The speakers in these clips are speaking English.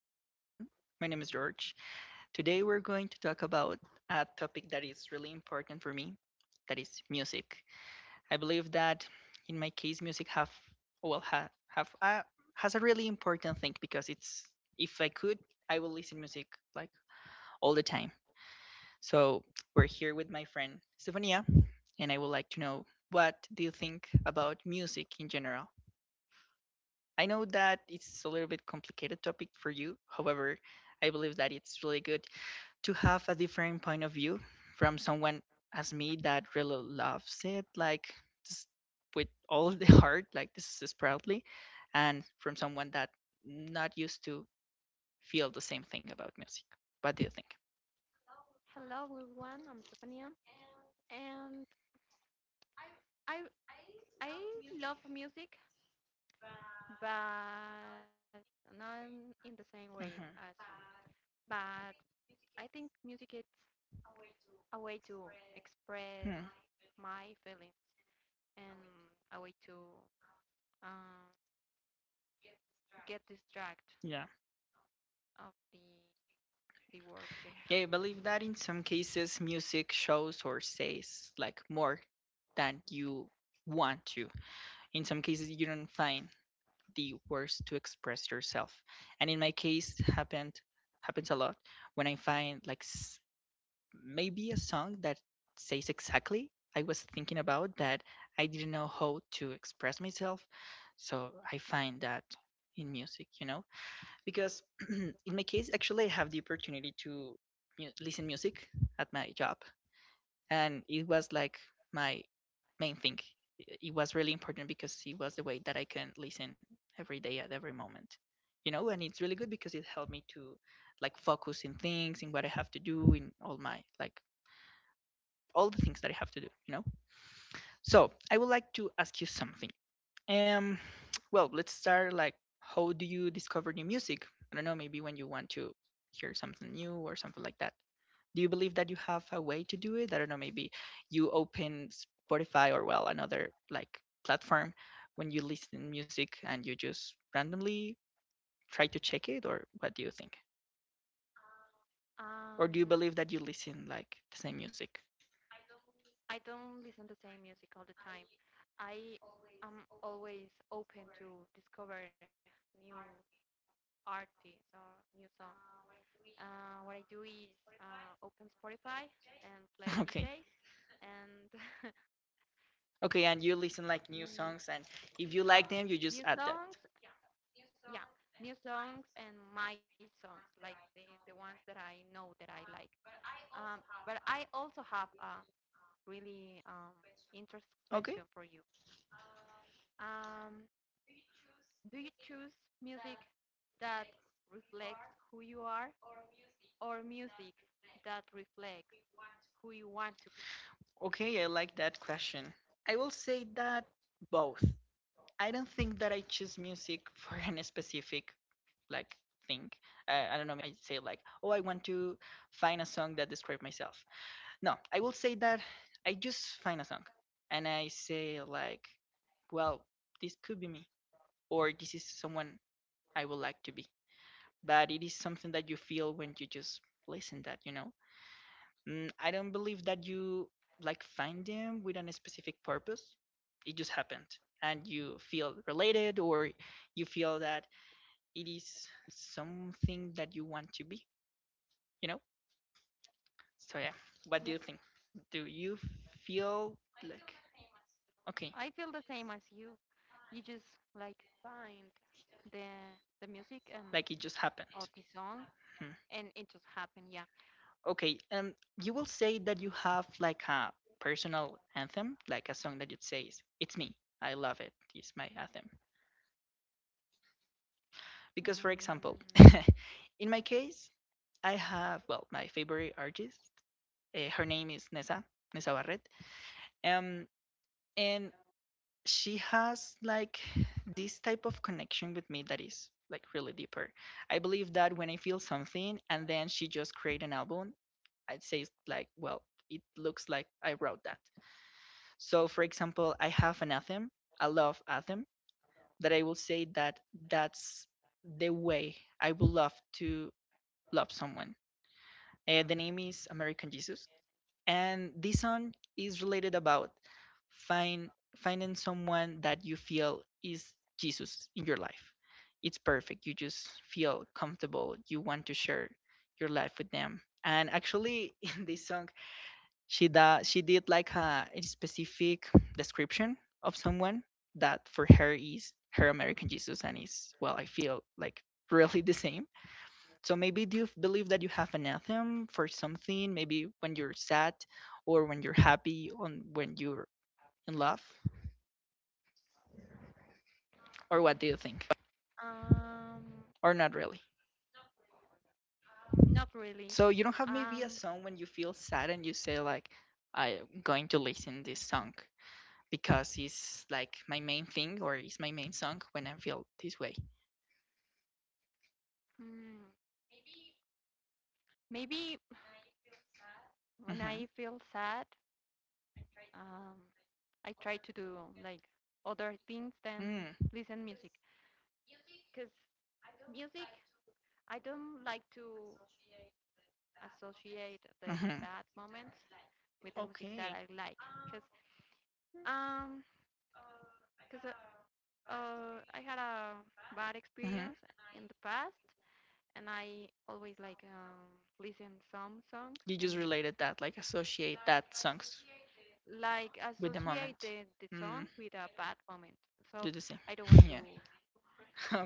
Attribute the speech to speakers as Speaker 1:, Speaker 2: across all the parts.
Speaker 1: Hello, everyone. My name is George. Today, we're going to talk about a topic that is really important for me that is music. I believe that in my case, music have well, has a really important thing because it's if I could, I will listen music like all the time. So we're here with my friend Stefania, and I would like to know what do you think about music in general. I know that it's a little bit complicated topic for you. However, I believe that it's really good to have a different point of view from someone as me that really loves it, like just with all the heart, like this is proudly, and from someone that not used to feel the same thing about music. What do you think?
Speaker 2: Hello everyone, I'm Stefania and I I love music but not in the same way
Speaker 1: Hmm.
Speaker 2: as you. But I think music is a way to
Speaker 1: Hmm.
Speaker 2: express my feelings and a way to um, get distract
Speaker 1: Yeah.
Speaker 2: of the world
Speaker 1: Yeah,
Speaker 2: in
Speaker 1: I
Speaker 2: general.
Speaker 1: believe that in some cases music shows or says like more than you want to. In some cases you don't find the words to express yourself. And in my case, happened happens a lot when I find like maybe a song that says exactly I was thinking about that I didn't know how to express myself. So I find that in music, you know, because in my case, actually, I have the opportunity to listen music at my job and it was like my main thing. It was really important because it was the way that I can listen every day at every moment, you know. And it's really good because it helped me to like focus in things, in what I have to do, in all my like all the things that I have to do, you know. So I would like to ask you something. Um, well, let's start like how do you discover new music? I don't know, maybe when you want to hear something new or something like that do you believe that you have a way to do it? I don't know, maybe you open Spotify or well another like platform when you listen music and you just randomly try to check it or what do you think? Or do you
Speaker 2: Um,
Speaker 1: believe that you listen like the same music?
Speaker 2: I don't listen the same music all the time. I am always open to discover new artists or new songs. What I do is open Spotify and play
Speaker 1: Okay.
Speaker 2: DJ and
Speaker 1: Okay, and you listen like new
Speaker 2: mm,
Speaker 1: songs and if you like them you just
Speaker 2: new
Speaker 1: add that.
Speaker 2: songs. Yeah, new songs and my songs, like the ones that I know that I like. But I also have a really interesting question
Speaker 1: Okay?
Speaker 2: for you. Um, do you choose music that reflects who you are or music that reflects who you want to be?
Speaker 1: Okay, I like that question. I will say that both. I don't think that I choose music for any specific like thing. I don't know. I say like, oh, I want to find a song that describes myself. No, I will say that I just find a song, and I say like, well, this could be me, or this is someone I would like to be. But it is something that you feel when you just listen that, you know. I don't believe that you like find them with a specific purpose. It just happened, and you feel related, or you feel that it is something that you want to be you know? So yeah, what do
Speaker 2: Yeah.
Speaker 1: you think? Do you feel like okay,
Speaker 2: I feel the same as you. You just like find the the music and
Speaker 1: like it just happened?
Speaker 2: or the song,
Speaker 1: Hmm.
Speaker 2: and it just happened. Yeah.
Speaker 1: Okay, you will say that you have like a personal anthem, like a song that you would say is "It's me, I love it, it's my anthem." Because, for example,
Speaker 2: Mm,
Speaker 1: in my case, I have well, my favorite artist. Her name is Nessa Barret. Um, and she has like this type of connection with me that is like really deeper. I believe that when I feel something and then she just create an album, I'd say it's like, well, it looks like I wrote that. So for example, I have an anthem, I love anthem, that I will say that that's the way I would love to love someone. The name is American Jesus and this song is related about find finding someone that you feel is Jesus in your life. It's perfect. You just feel comfortable. You want to share your life with them. And actually, in this song, she did like a specific description of someone that for her is her American Jesus, and is well, I feel like really the same so maybe do you believe that you have an anthem for something? Maybe when you're sad, or when you're happy, or when you're in love, or what do you think?
Speaker 2: um,
Speaker 1: Or not really.
Speaker 2: not really.
Speaker 1: So you don't have maybe a
Speaker 2: Um,
Speaker 1: song when you feel sad and you say like, I'm going to listen this song because it's like my main thing or it's my main song when I feel this way.
Speaker 2: mm, maybe when
Speaker 1: Mhm.
Speaker 2: I feel sad, um, I try to do like other things than
Speaker 1: Mm.
Speaker 2: listen music. Cause music, I don't like to associate the
Speaker 1: Mhm.
Speaker 2: bad moments with the music
Speaker 1: Okay.
Speaker 2: that I like. Cause um, because I had a bad experience
Speaker 1: Mhm.
Speaker 2: in the past, and I always like listen some songs
Speaker 1: You just
Speaker 2: and
Speaker 1: related that, like associate that songs.
Speaker 2: like
Speaker 1: With the
Speaker 2: associate
Speaker 1: moment.
Speaker 2: the song
Speaker 1: Mm,
Speaker 2: with a bad moment. So
Speaker 1: do the same.
Speaker 2: I don't want
Speaker 1: Yeah.
Speaker 2: to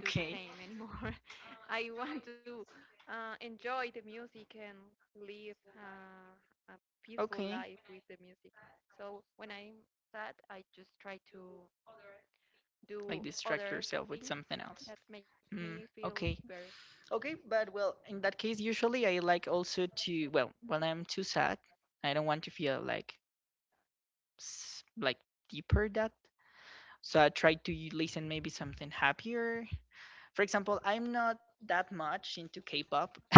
Speaker 2: do the same anymore. I want to enjoy the music and live a peaceful life
Speaker 1: Okay.
Speaker 2: with the music. So when I'm sad, I just try to do
Speaker 1: Like distract
Speaker 2: other
Speaker 1: yourself with
Speaker 2: things
Speaker 1: something
Speaker 2: that
Speaker 1: else.
Speaker 2: makes me
Speaker 1: Mm,
Speaker 2: feel
Speaker 1: okay.
Speaker 2: better.
Speaker 1: Okay, but well, in that case, usually I like also to, well, when I'm too sad, I don't want to feel like like deeper that. So I try to listen maybe something happier. For example, I'm not that much into K-pop.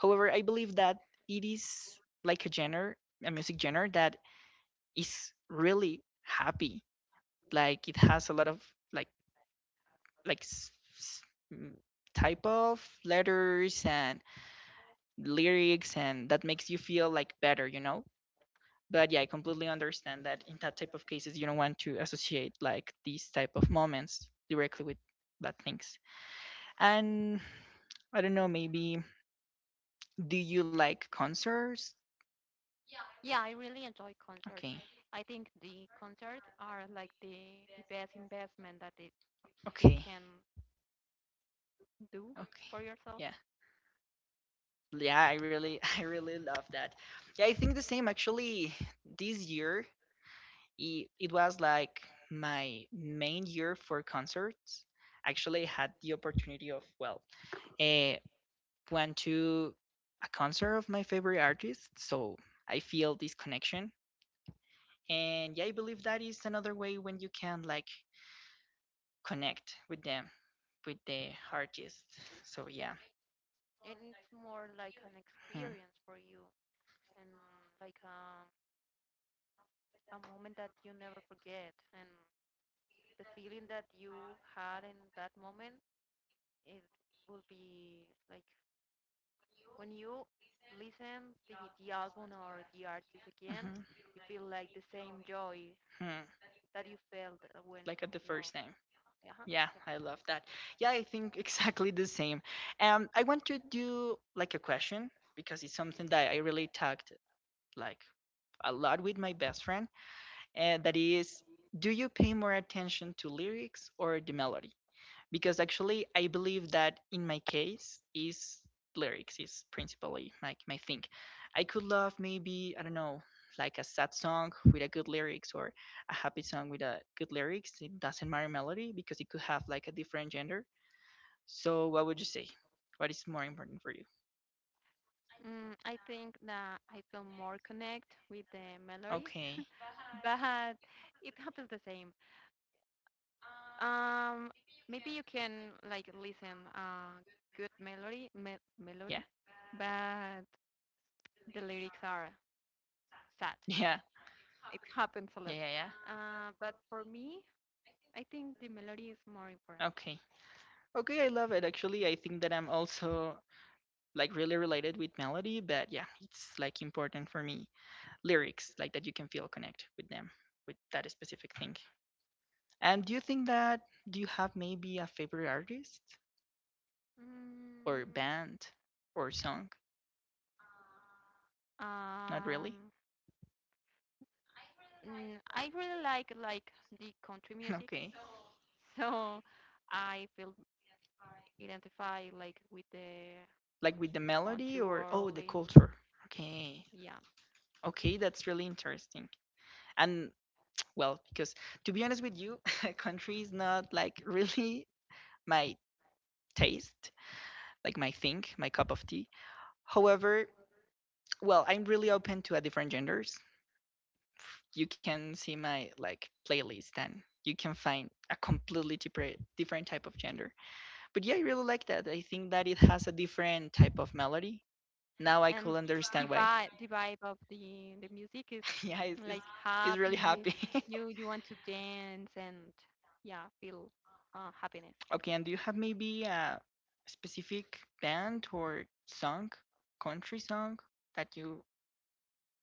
Speaker 1: However, I believe that it is like a genre, a music genre that is really happy. Like it has a lot of like like s- mm, type of letters and lyrics, and that makes you feel like better, you know. But yeah, I completely understand that in that type of cases, you don't want to associate like these type of moments directly with bad things. And I
Speaker 2: Yes.
Speaker 1: don't know, maybe do you like concerts?
Speaker 2: Yeah, I really enjoy concerts.
Speaker 1: Okay,
Speaker 2: I think the concerts are like the best investment that it you can
Speaker 1: okay,
Speaker 2: do for
Speaker 1: okay,
Speaker 2: yourself.
Speaker 1: yeah. Yeah, I really love that. Yeah, I think the same actually. This year, it was like my main year for concerts. Actually, I had the opportunity of well, uh, went to a concert of my favorite artist, so I feel this connection. And yeah, I believe that is another way when you can like connect with them, with the artist. So yeah,
Speaker 2: And it's more like an experience for
Speaker 1: Hmm.
Speaker 2: you and like a moment that you never forget and the feeling that you had in that moment it will be like when you listen the album or the artist again,
Speaker 1: Hmm.
Speaker 2: you feel like the same joy
Speaker 1: Hmm.
Speaker 2: that you felt when
Speaker 1: Like at the
Speaker 2: you are
Speaker 1: first time.
Speaker 2: uh-huh.
Speaker 1: Yeah,
Speaker 2: Yeah.
Speaker 1: I love that. Yeah, I think exactly the same. I want to do like a question because it's something that I really talked like a lot with my best friend, and that is, do you pay more attention to lyrics or the melody? Because actually I believe that in my case is lyrics is principally like my thing. I could love maybe I don't know like a sad song with a good lyrics or a happy song with a good lyrics. It doesn't matter melody because it could have like a different gender. So what would you say? What is more important for you?
Speaker 2: I think that I feel more connect with the melody,
Speaker 1: Okay.
Speaker 2: but it happens the same. Um, maybe you can like listen good melody, melody,
Speaker 1: Yeah.
Speaker 2: but the lyrics are sad.
Speaker 1: Yeah.
Speaker 2: It happens a lot.
Speaker 1: Yeah. Yeah. Yeah.
Speaker 2: But for me, I think the melody is more important.
Speaker 1: Okay. Okay, I love it. Actually, I think that I'm also like really related with melody, but yeah, it's like important for me. Lyrics like that you can feel connect with them with that specific thing and do you have maybe a favorite artist or
Speaker 2: Mm,
Speaker 1: band or song?
Speaker 2: um,
Speaker 1: Not really.
Speaker 2: I really like the country music
Speaker 1: Okay.
Speaker 2: So I feel identified like with the
Speaker 1: Like with the
Speaker 2: country
Speaker 1: melody or
Speaker 2: world
Speaker 1: oh the
Speaker 2: and
Speaker 1: culture. Okay.
Speaker 2: yeah.
Speaker 1: Okay, that's really interesting. And well, because to be honest with you country is not like really my taste, like my thing, my cup of tea. However, well, I'm really open to a different genders. You can see my like playlist and you can find a completely different type of gender. But yeah, I really like that. I think that it has a different type of melody. Now I
Speaker 2: And
Speaker 1: could understand why.
Speaker 2: the vibe of the music is
Speaker 1: Yeah, it's, it's,
Speaker 2: like
Speaker 1: it's really
Speaker 2: happy.
Speaker 1: happy.
Speaker 2: You want to dance and yeah, feel happiness.
Speaker 1: Okay, and do you have maybe a specific band or song, country song that you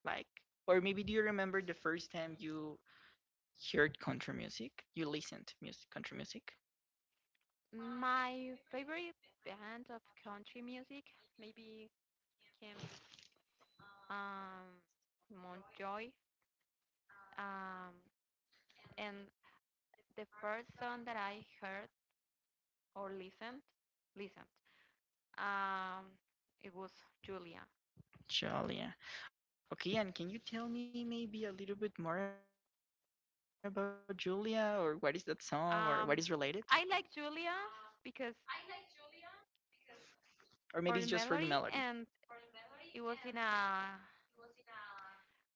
Speaker 1: like? Or maybe do you remember the first time you heard country music? You listened to music, country music?
Speaker 2: My favorite band of country music maybe came um Montjoy. Um, and the first song that I heard or listened. Um, it was Julia.
Speaker 1: Julia. Okay, and can you tell me maybe a little bit more about Julia or what is that song or what is related?
Speaker 2: Um, I like Julia because
Speaker 1: Or maybe it's just for the melody.
Speaker 2: for the melody, and it was in a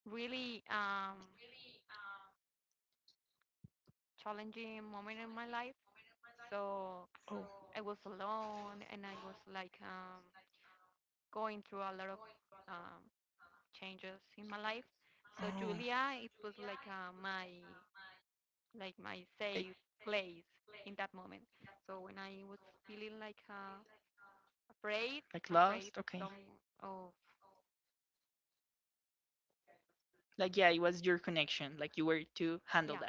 Speaker 2: really challenging moment in my life.
Speaker 1: Oh,
Speaker 2: So I was alone, and I was like going through a lot of um, changes in my life.
Speaker 1: oh,
Speaker 2: So Julia, it was like my like
Speaker 1: like
Speaker 2: my safe place in that moment. So when I was feeling like afraid,
Speaker 1: lost? Okay.
Speaker 2: afraid some of
Speaker 1: Like yeah, it was your connection. Like you were to handle that,
Speaker 2: yeah.
Speaker 1: right?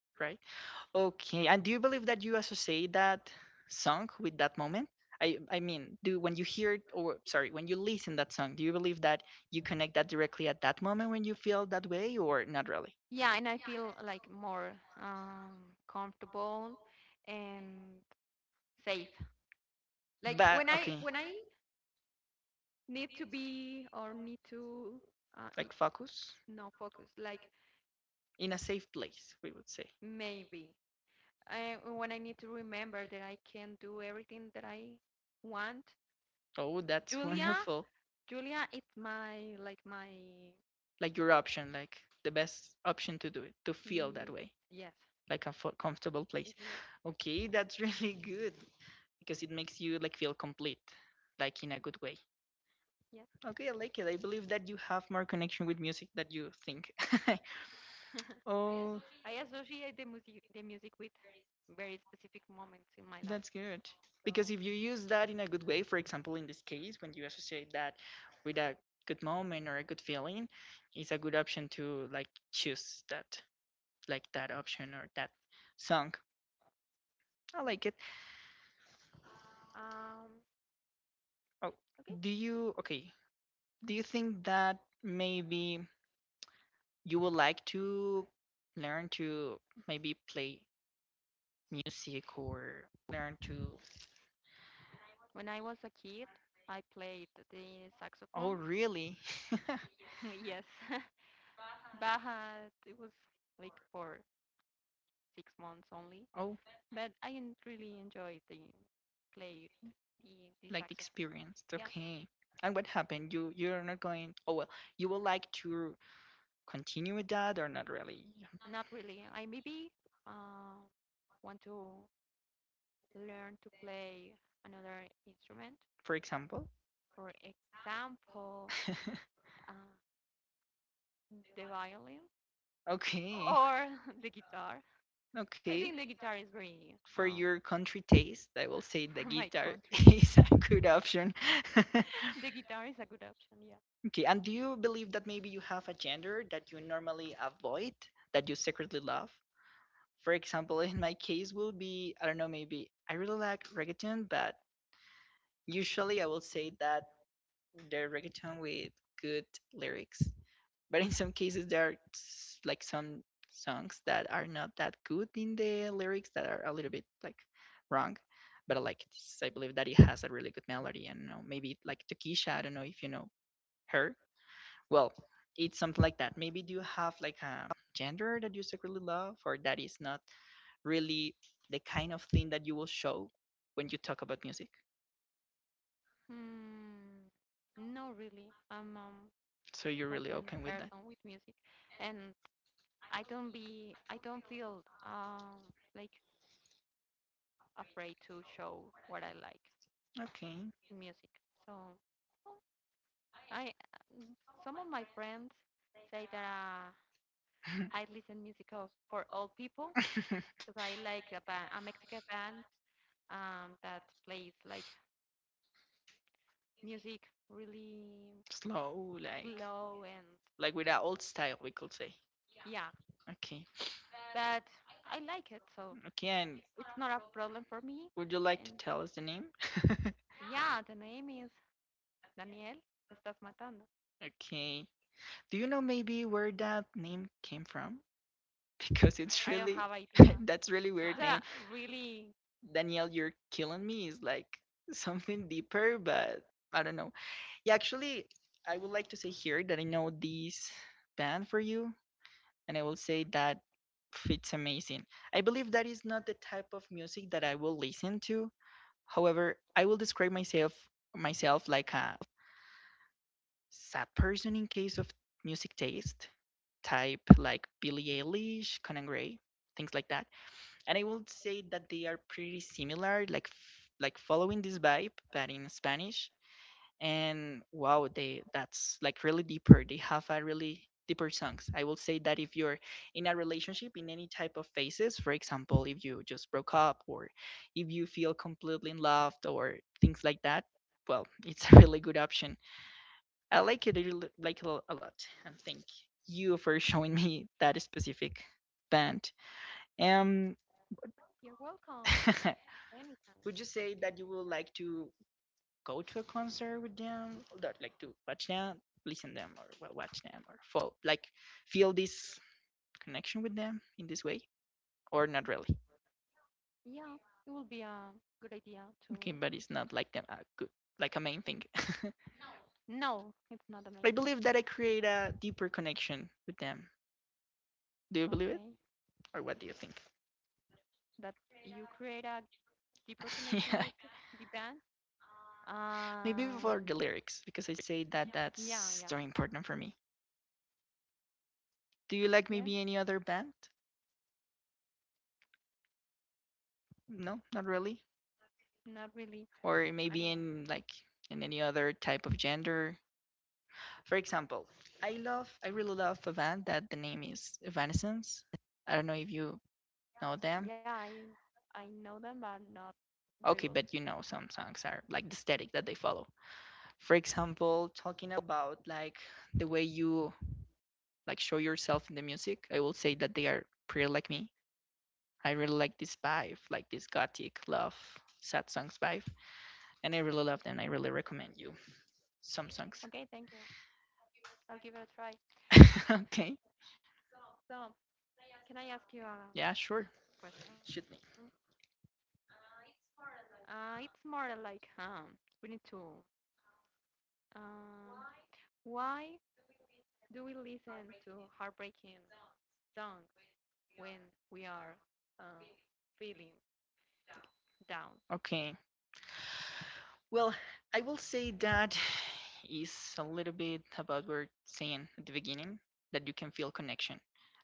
Speaker 1: Okay, and do you believe that you associate that song with that moment? I mean, do when you hear it, or sorry, when you listen that song, do you believe that you connect that directly at that moment when you feel that way, or not really?
Speaker 2: Yeah, and I feel like more comfortable and safe.
Speaker 1: Like,
Speaker 2: Like
Speaker 1: but
Speaker 2: when
Speaker 1: okay,
Speaker 2: I when I need to be or need to
Speaker 1: like
Speaker 2: y-
Speaker 1: focus
Speaker 2: no focus, like
Speaker 1: in a safe place, we would say.
Speaker 2: maybe I when I need to remember that I can do everything that I want.
Speaker 1: Oh, that's Mhm.
Speaker 2: Julia,
Speaker 1: Wonderful.
Speaker 2: Julia, it's my like my
Speaker 1: Like your option, like the best option to do it, to feel that
Speaker 2: is
Speaker 1: way,
Speaker 2: yes,
Speaker 1: like a comfortable place.
Speaker 2: is
Speaker 1: Okay, that's really good because it makes you like feel complete, like in a good way.
Speaker 2: yes.
Speaker 1: Okay, I like it. I believe that you have more connection with music than you think.
Speaker 2: I
Speaker 1: Oh,
Speaker 2: associate the music with very specific moments in my life.
Speaker 1: that's good.
Speaker 2: So
Speaker 1: Because if you use that in a good way, for example, in this case, when you associate that with a good moment or a good feeling, it's a good option to like choose that, like that option or that song.
Speaker 2: yes.
Speaker 1: I like it.
Speaker 2: Um
Speaker 1: Oh,
Speaker 2: okay.
Speaker 1: do you, okay, do you think that maybe you would like to learn to maybe play music or learn to.
Speaker 2: When I was a kid I played the saxophone.
Speaker 1: Oh, really?
Speaker 2: Yes. But it was like for 6 months only.
Speaker 1: Oh,
Speaker 2: But I really enjoyed the played
Speaker 1: like the
Speaker 2: the saxophone.
Speaker 1: experience.
Speaker 2: Yeah.
Speaker 1: Okay. And what happened? You're not going. Oh well, you would like to continue with that or not really?
Speaker 2: Not really. I maybe uh want to learn to play another instrument.
Speaker 1: For example.
Speaker 2: For example, uh, the violin
Speaker 1: Okay.
Speaker 2: or the guitar. I
Speaker 1: Okay.
Speaker 2: think the guitar is very
Speaker 1: For your country taste, I will say the
Speaker 2: for my
Speaker 1: guitar
Speaker 2: country thing.
Speaker 1: is a good option.
Speaker 2: The guitar is a good option, yeah.
Speaker 1: Okay. And do you believe that maybe you have a gender that you normally avoid, that you secretly love? For example, in my case will be I don't know, maybe I really like reggaeton, but usually, I will say that they're reggaeton with good lyrics, but in some cases, there are like some songs that are not that good in the lyrics that are a little bit like wrong. But I like this. I believe that it has a really good melody, and you know, maybe like Takisha. I don't know if you know her. Well, it's something like that. Maybe do you have like a gender that you secretly love, or that is not really the kind of thing that you will show when you talk about music?
Speaker 2: Hmm, no, really. I'm
Speaker 1: So you're really
Speaker 2: open
Speaker 1: open with that.
Speaker 2: person with music, and I don't feel like afraid to show what I like
Speaker 1: Okay.
Speaker 2: in music. So well, I some of my friends say that I listen music of, for all people because I like a band, a Mexican band that plays like music really
Speaker 1: Slow,
Speaker 2: slow and
Speaker 1: like with that old style, we could say.
Speaker 2: yeah,
Speaker 1: Okay,
Speaker 2: but I like it, so
Speaker 1: okay, and
Speaker 2: it's not a problem for me.
Speaker 1: would you like to
Speaker 2: And
Speaker 1: tell us the name?
Speaker 2: yeah, the name is Daniel. Me estás matando.
Speaker 1: Okay. Do you know maybe where that name came from? Because it's
Speaker 2: I
Speaker 1: really.
Speaker 2: don't have idea.
Speaker 1: That's really weird
Speaker 2: It's
Speaker 1: name.
Speaker 2: a really.
Speaker 1: Danielle, you're killing me is like something deeper, but I don't know. Yeah, actually, I would like to say here that I know this band for you, and I will say that pff, it's amazing. I believe that is not the type of music that I will listen to. However, I will describe myself like a sad person in case of music taste, type like Billie Eilish, Conan Gray, things like that. And I will say that they are pretty similar, like like following this vibe, but in Spanish, and wow, they that's like really deeper, they have a really deeper songs. I will say that if you're in a relationship in any type of phases, for example, if you just broke up or if you feel completely in love or things like that, well, it's a really good option. I like it, I really like it a lot, and thank you for showing me that specific band. um
Speaker 2: You're welcome.
Speaker 1: would you
Speaker 2: Anytime.
Speaker 1: say that you would like to go to a concert with them, that like to watch them, listen them, or well, watch them, or fall like feel this connection with them in this way, or not really.
Speaker 2: Yeah, it will be a good idea
Speaker 1: Okay,
Speaker 2: to.
Speaker 1: but it's not like them a good like a main thing.
Speaker 2: No, it's not the
Speaker 1: I
Speaker 2: main
Speaker 1: believe
Speaker 2: thing.
Speaker 1: that I create a deeper connection with them. Do you believe it,
Speaker 2: Okay,
Speaker 1: or what do you think?
Speaker 2: that you create a deeper
Speaker 1: Yeah,
Speaker 2: connection with the band.
Speaker 1: maybe for the
Speaker 2: Um,
Speaker 1: lyrics because I say that that's
Speaker 2: Yeah,
Speaker 1: very important for me. Do you like maybe any
Speaker 2: yeah.
Speaker 1: other band? No, not really.
Speaker 2: Not really.
Speaker 1: Or maybe
Speaker 2: I don't know.
Speaker 1: in like in any other type of gender. For example, I really love a band that the name is Evanescence. I don't know if you know them.
Speaker 2: Yeah, I know them, but not very
Speaker 1: Okay,
Speaker 2: well.
Speaker 1: but you know some songs are like the aesthetic that they follow. For example, talking about like the way you like show yourself in the music, I will say that they are pretty like me. I really like this vibe, like this gothic love, sad songs vibe, and I really love them. I really recommend you some songs.
Speaker 2: Okay, thank you. I'll give it a try.
Speaker 1: Okay,
Speaker 2: So, can I ask you
Speaker 1: yeah,
Speaker 2: a
Speaker 1: sure, shoot
Speaker 2: question?
Speaker 1: me.
Speaker 2: It's more like we need to um, why do we listen to heartbreaking songs when we are uh, feeling down?
Speaker 1: Okay, well, I will say that is a little bit about what we're saying at the beginning that you can feel connection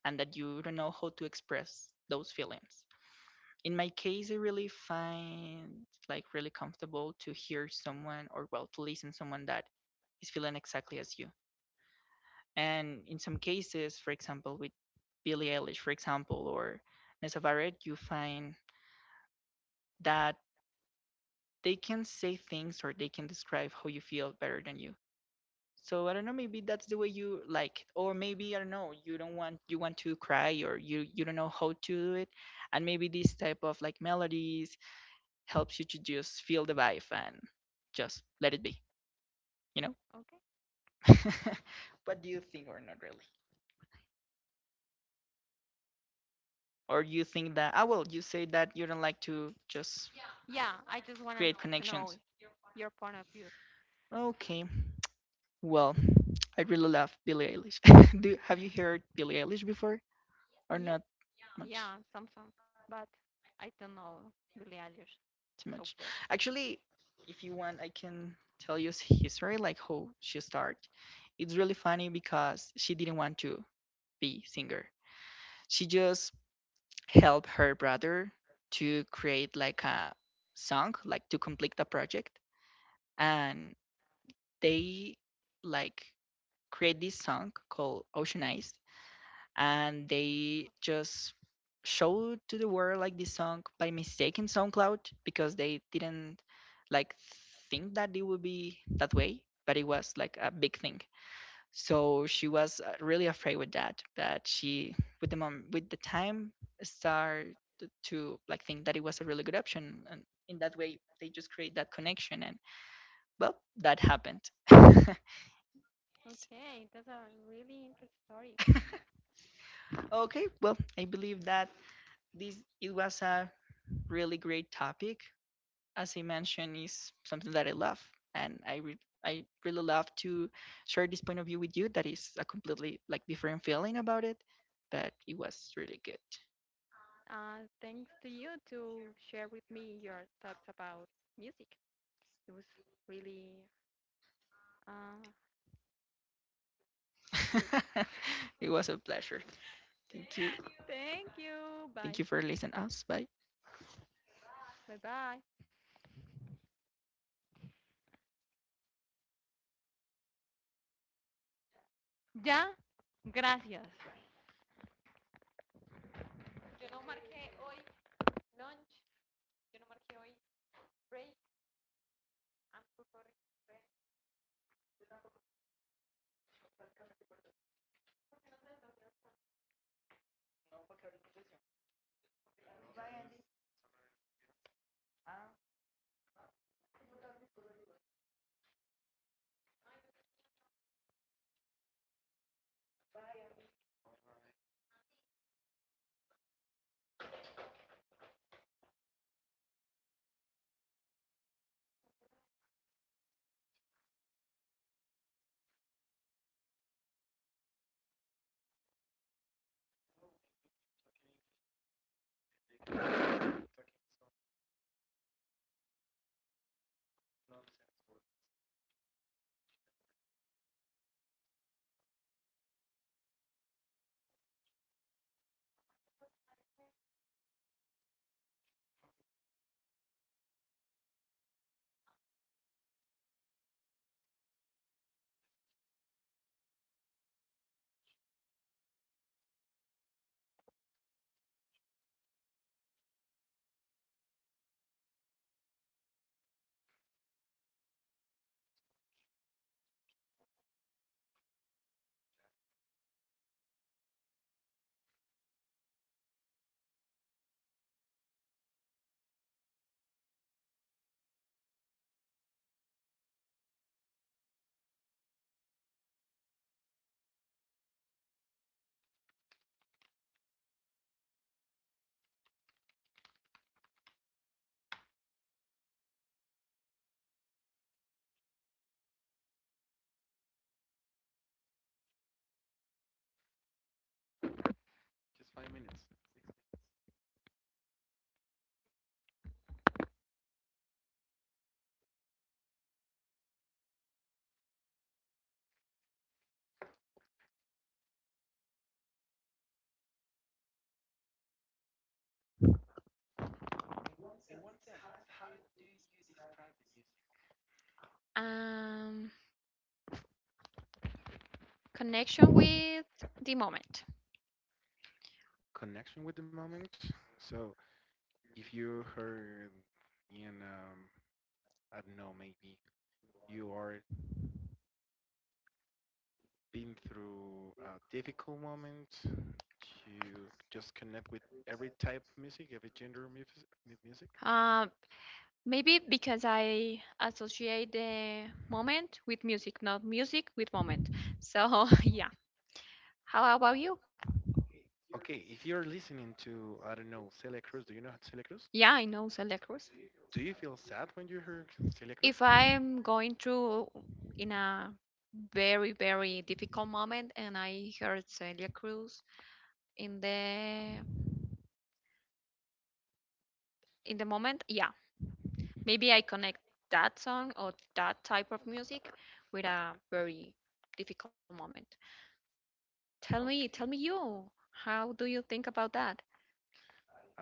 Speaker 1: and that you don't know how to express those feelings. In my case, I really find like really comfortable to hear someone or well to listen someone that is feeling exactly as you. And in some cases, for example, with Billie Eilish, for example, or Nessa Barrett, you find that they can say things or they can describe how you feel better than you. So I don't know, maybe that's the way you like, it. Or maybe I don't know, you don't want you want to cry or you don't know how to do it, and maybe this type of like melodies helps you to just feel the vibe and just let it be, you know?
Speaker 2: Okay.
Speaker 1: What do you think or not really? Or you think that, ah, well, you say that you don't like to just
Speaker 2: Yeah, I
Speaker 1: create
Speaker 2: just wanted
Speaker 1: connections.
Speaker 2: to know your point of view.
Speaker 1: Okay. Well, I really love Billie Eilish. Do have you heard Billie Eilish before or not much?
Speaker 2: Yeah, some songs, but I don't know Billie
Speaker 1: Too
Speaker 2: Eilish
Speaker 1: much.
Speaker 2: so well.
Speaker 1: Actually, if you want, I can tell you history, like how she started. It's really funny because she didn't want to be singer. She just helped her brother to create like a song, like to complete the project, and they like create this song called Ocean Eyes, and they just showed to the world like this song by mistake in SoundCloud because they didn't like think that it would be that way, but it was like a big thing. So she was really afraid with that, but she with the mom with the time started to like think that it was a really good option, and in that way they just create that connection, and well, that happened.
Speaker 2: Okay, that's a really interesting story.
Speaker 1: Okay, well I believe that this it was a really great topic. As I mentioned, is something that I love, and I really love to share this point of view with you. That is a completely like different feeling about it, but it was really good.
Speaker 2: Thanks to you to share with me your thoughts about music. It was really uh, good.
Speaker 1: It was a pleasure. Thank you.
Speaker 2: Thank
Speaker 1: Thank you for
Speaker 2: you.
Speaker 1: listening
Speaker 2: Bye.
Speaker 1: us. Bye.
Speaker 2: Bye bye. Ya. Gracias. Yo no marqué hoy lunch. Yo no marqué hoy break. I'm so sorry.
Speaker 1: um connection with the moment.
Speaker 2: Connection with the moment. So if you heard in I don't know, maybe you are been through a difficult moment to just connect with every type of music, every gender music.
Speaker 1: uh, maybe because I associate the moment with music, not music with moment, so yeah. How about you?
Speaker 2: Okay, if you're listening to, I don't know, Celia Cruz, do you know Celia Cruz?
Speaker 1: Yeah, I know Celecruz.
Speaker 2: Do you feel sad when you hear Celia Cruz?
Speaker 1: If I am going through in a very, very difficult moment and I heard Celia Cruz in the in the moment, yeah, maybe I connect that song or that type of music with a very difficult moment. Tell me
Speaker 2: Okay.
Speaker 1: you, how do you think about that?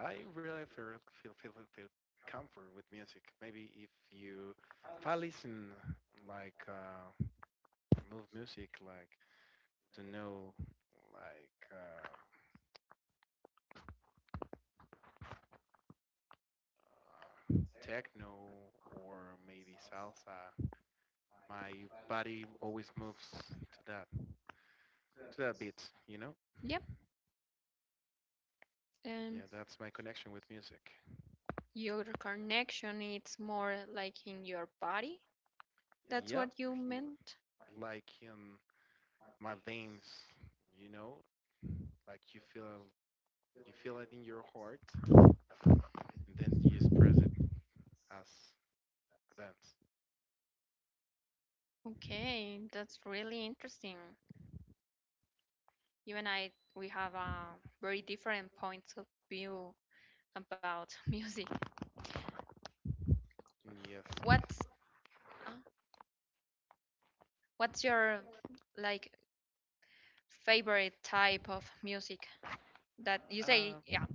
Speaker 2: I really feel comfort with music. Maybe if I listen like move music, like to know, like, techno or maybe salsa. My body always moves to that to that beat, you know.
Speaker 1: Yep, and
Speaker 2: Yeah, that's my connection with music.
Speaker 1: your connection it's more like in your body. That's
Speaker 2: Yeah,
Speaker 1: what you meant.
Speaker 2: like in my veins, you know, like you feel it in your heart, and then you express it as a dance.
Speaker 1: Okay, that's really interesting. You and I, we have very different points of view about music.
Speaker 2: Yes.
Speaker 1: What's uh, what's your like favorite type of music that you say,
Speaker 2: Um.
Speaker 1: yeah,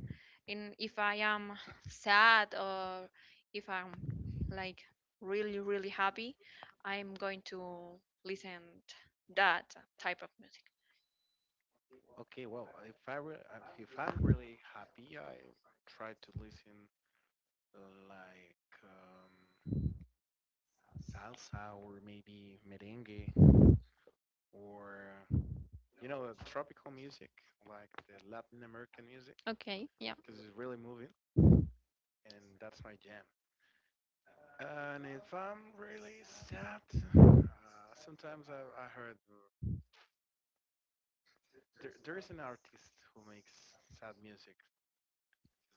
Speaker 1: in if I am sad or if I'm like really really happy, I'm going to listen t- that type of music.
Speaker 2: Okay. Well, if I'm really happy, I try to listen like salsa or maybe merengue or you know tropical music like the Latin American music
Speaker 1: Okay, yeah,
Speaker 2: because it's really moving and that's my jam. And if I'm really sad, sometimes I heard there is an artist who makes sad music.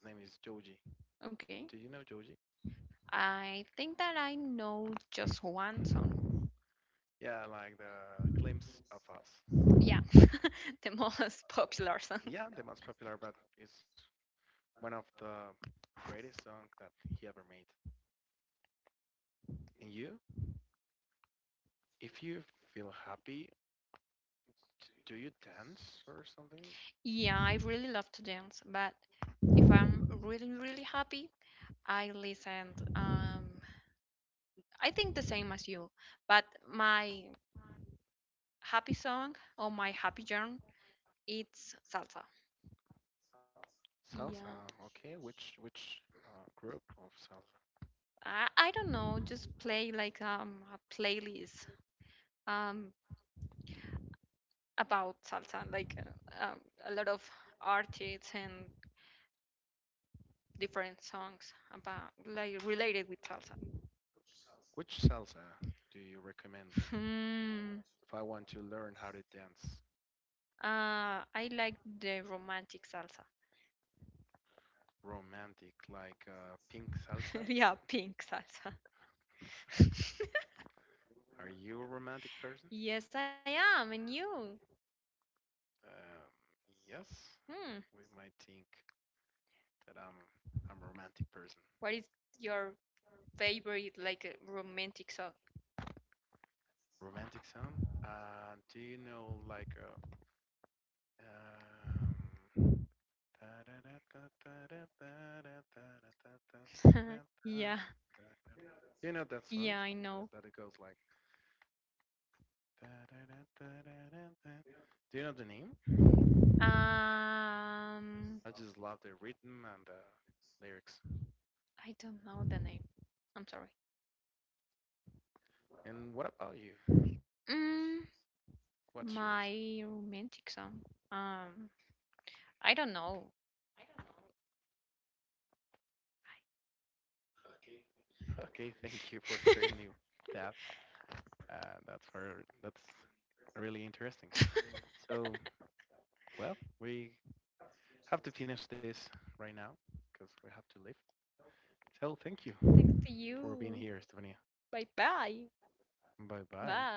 Speaker 2: His name is Joji.
Speaker 1: okay.
Speaker 2: Do you know Joji?
Speaker 1: I think that I know just one song.
Speaker 2: Yeah, like the Glimpse of Us.
Speaker 1: Yeah, the most popular song.
Speaker 2: Yeah, the most popular, but it's one of the greatest songs that he ever made. And you? If you feel happy, do you dance or something?
Speaker 1: Yeah, I really love to dance, but if I'm really, really happy, I listen. I think the same as you, but my happy song or my happy genre, it's salsa.
Speaker 2: Salsa,
Speaker 1: Yeah,
Speaker 2: okay. Which group of salsa?
Speaker 1: I don't know, just play like a playlist, um about salsa, like a lot of artists and different songs about like related with salsa.
Speaker 2: Which salsa do you recommend me
Speaker 1: Hmm.
Speaker 2: if I want to learn how to dance
Speaker 1: I like the romantic salsa.
Speaker 2: romantic, like pink salsa?
Speaker 1: Yeah, pink salsa.
Speaker 2: Are you a romantic person?
Speaker 1: Yes, I am. And you?
Speaker 2: Um, yes,
Speaker 1: Hmm.
Speaker 2: we might think that I'm a romantic person.
Speaker 1: What is your favorite, like, romantic song?
Speaker 2: Romantic song? Do you know like um,
Speaker 1: Yeah,
Speaker 2: do you know that song?
Speaker 1: yeah, I
Speaker 2: Because
Speaker 1: know.
Speaker 2: that it goes like. Do you know the name?
Speaker 1: Um,
Speaker 2: I just love the rhythm and the lyrics.
Speaker 1: I don't know the name. I'm sorry.
Speaker 2: And what about you?
Speaker 1: Mm,
Speaker 2: What's yours?
Speaker 1: my romantic song. Um, I don't know.
Speaker 2: Okay, thank you for sharing me that. That's for that's really interesting. So, well, we have to finish this right now because we have to leave. So, thank you
Speaker 1: Thanks to
Speaker 2: for being
Speaker 1: you.
Speaker 2: here, Stephanie. Bye bye.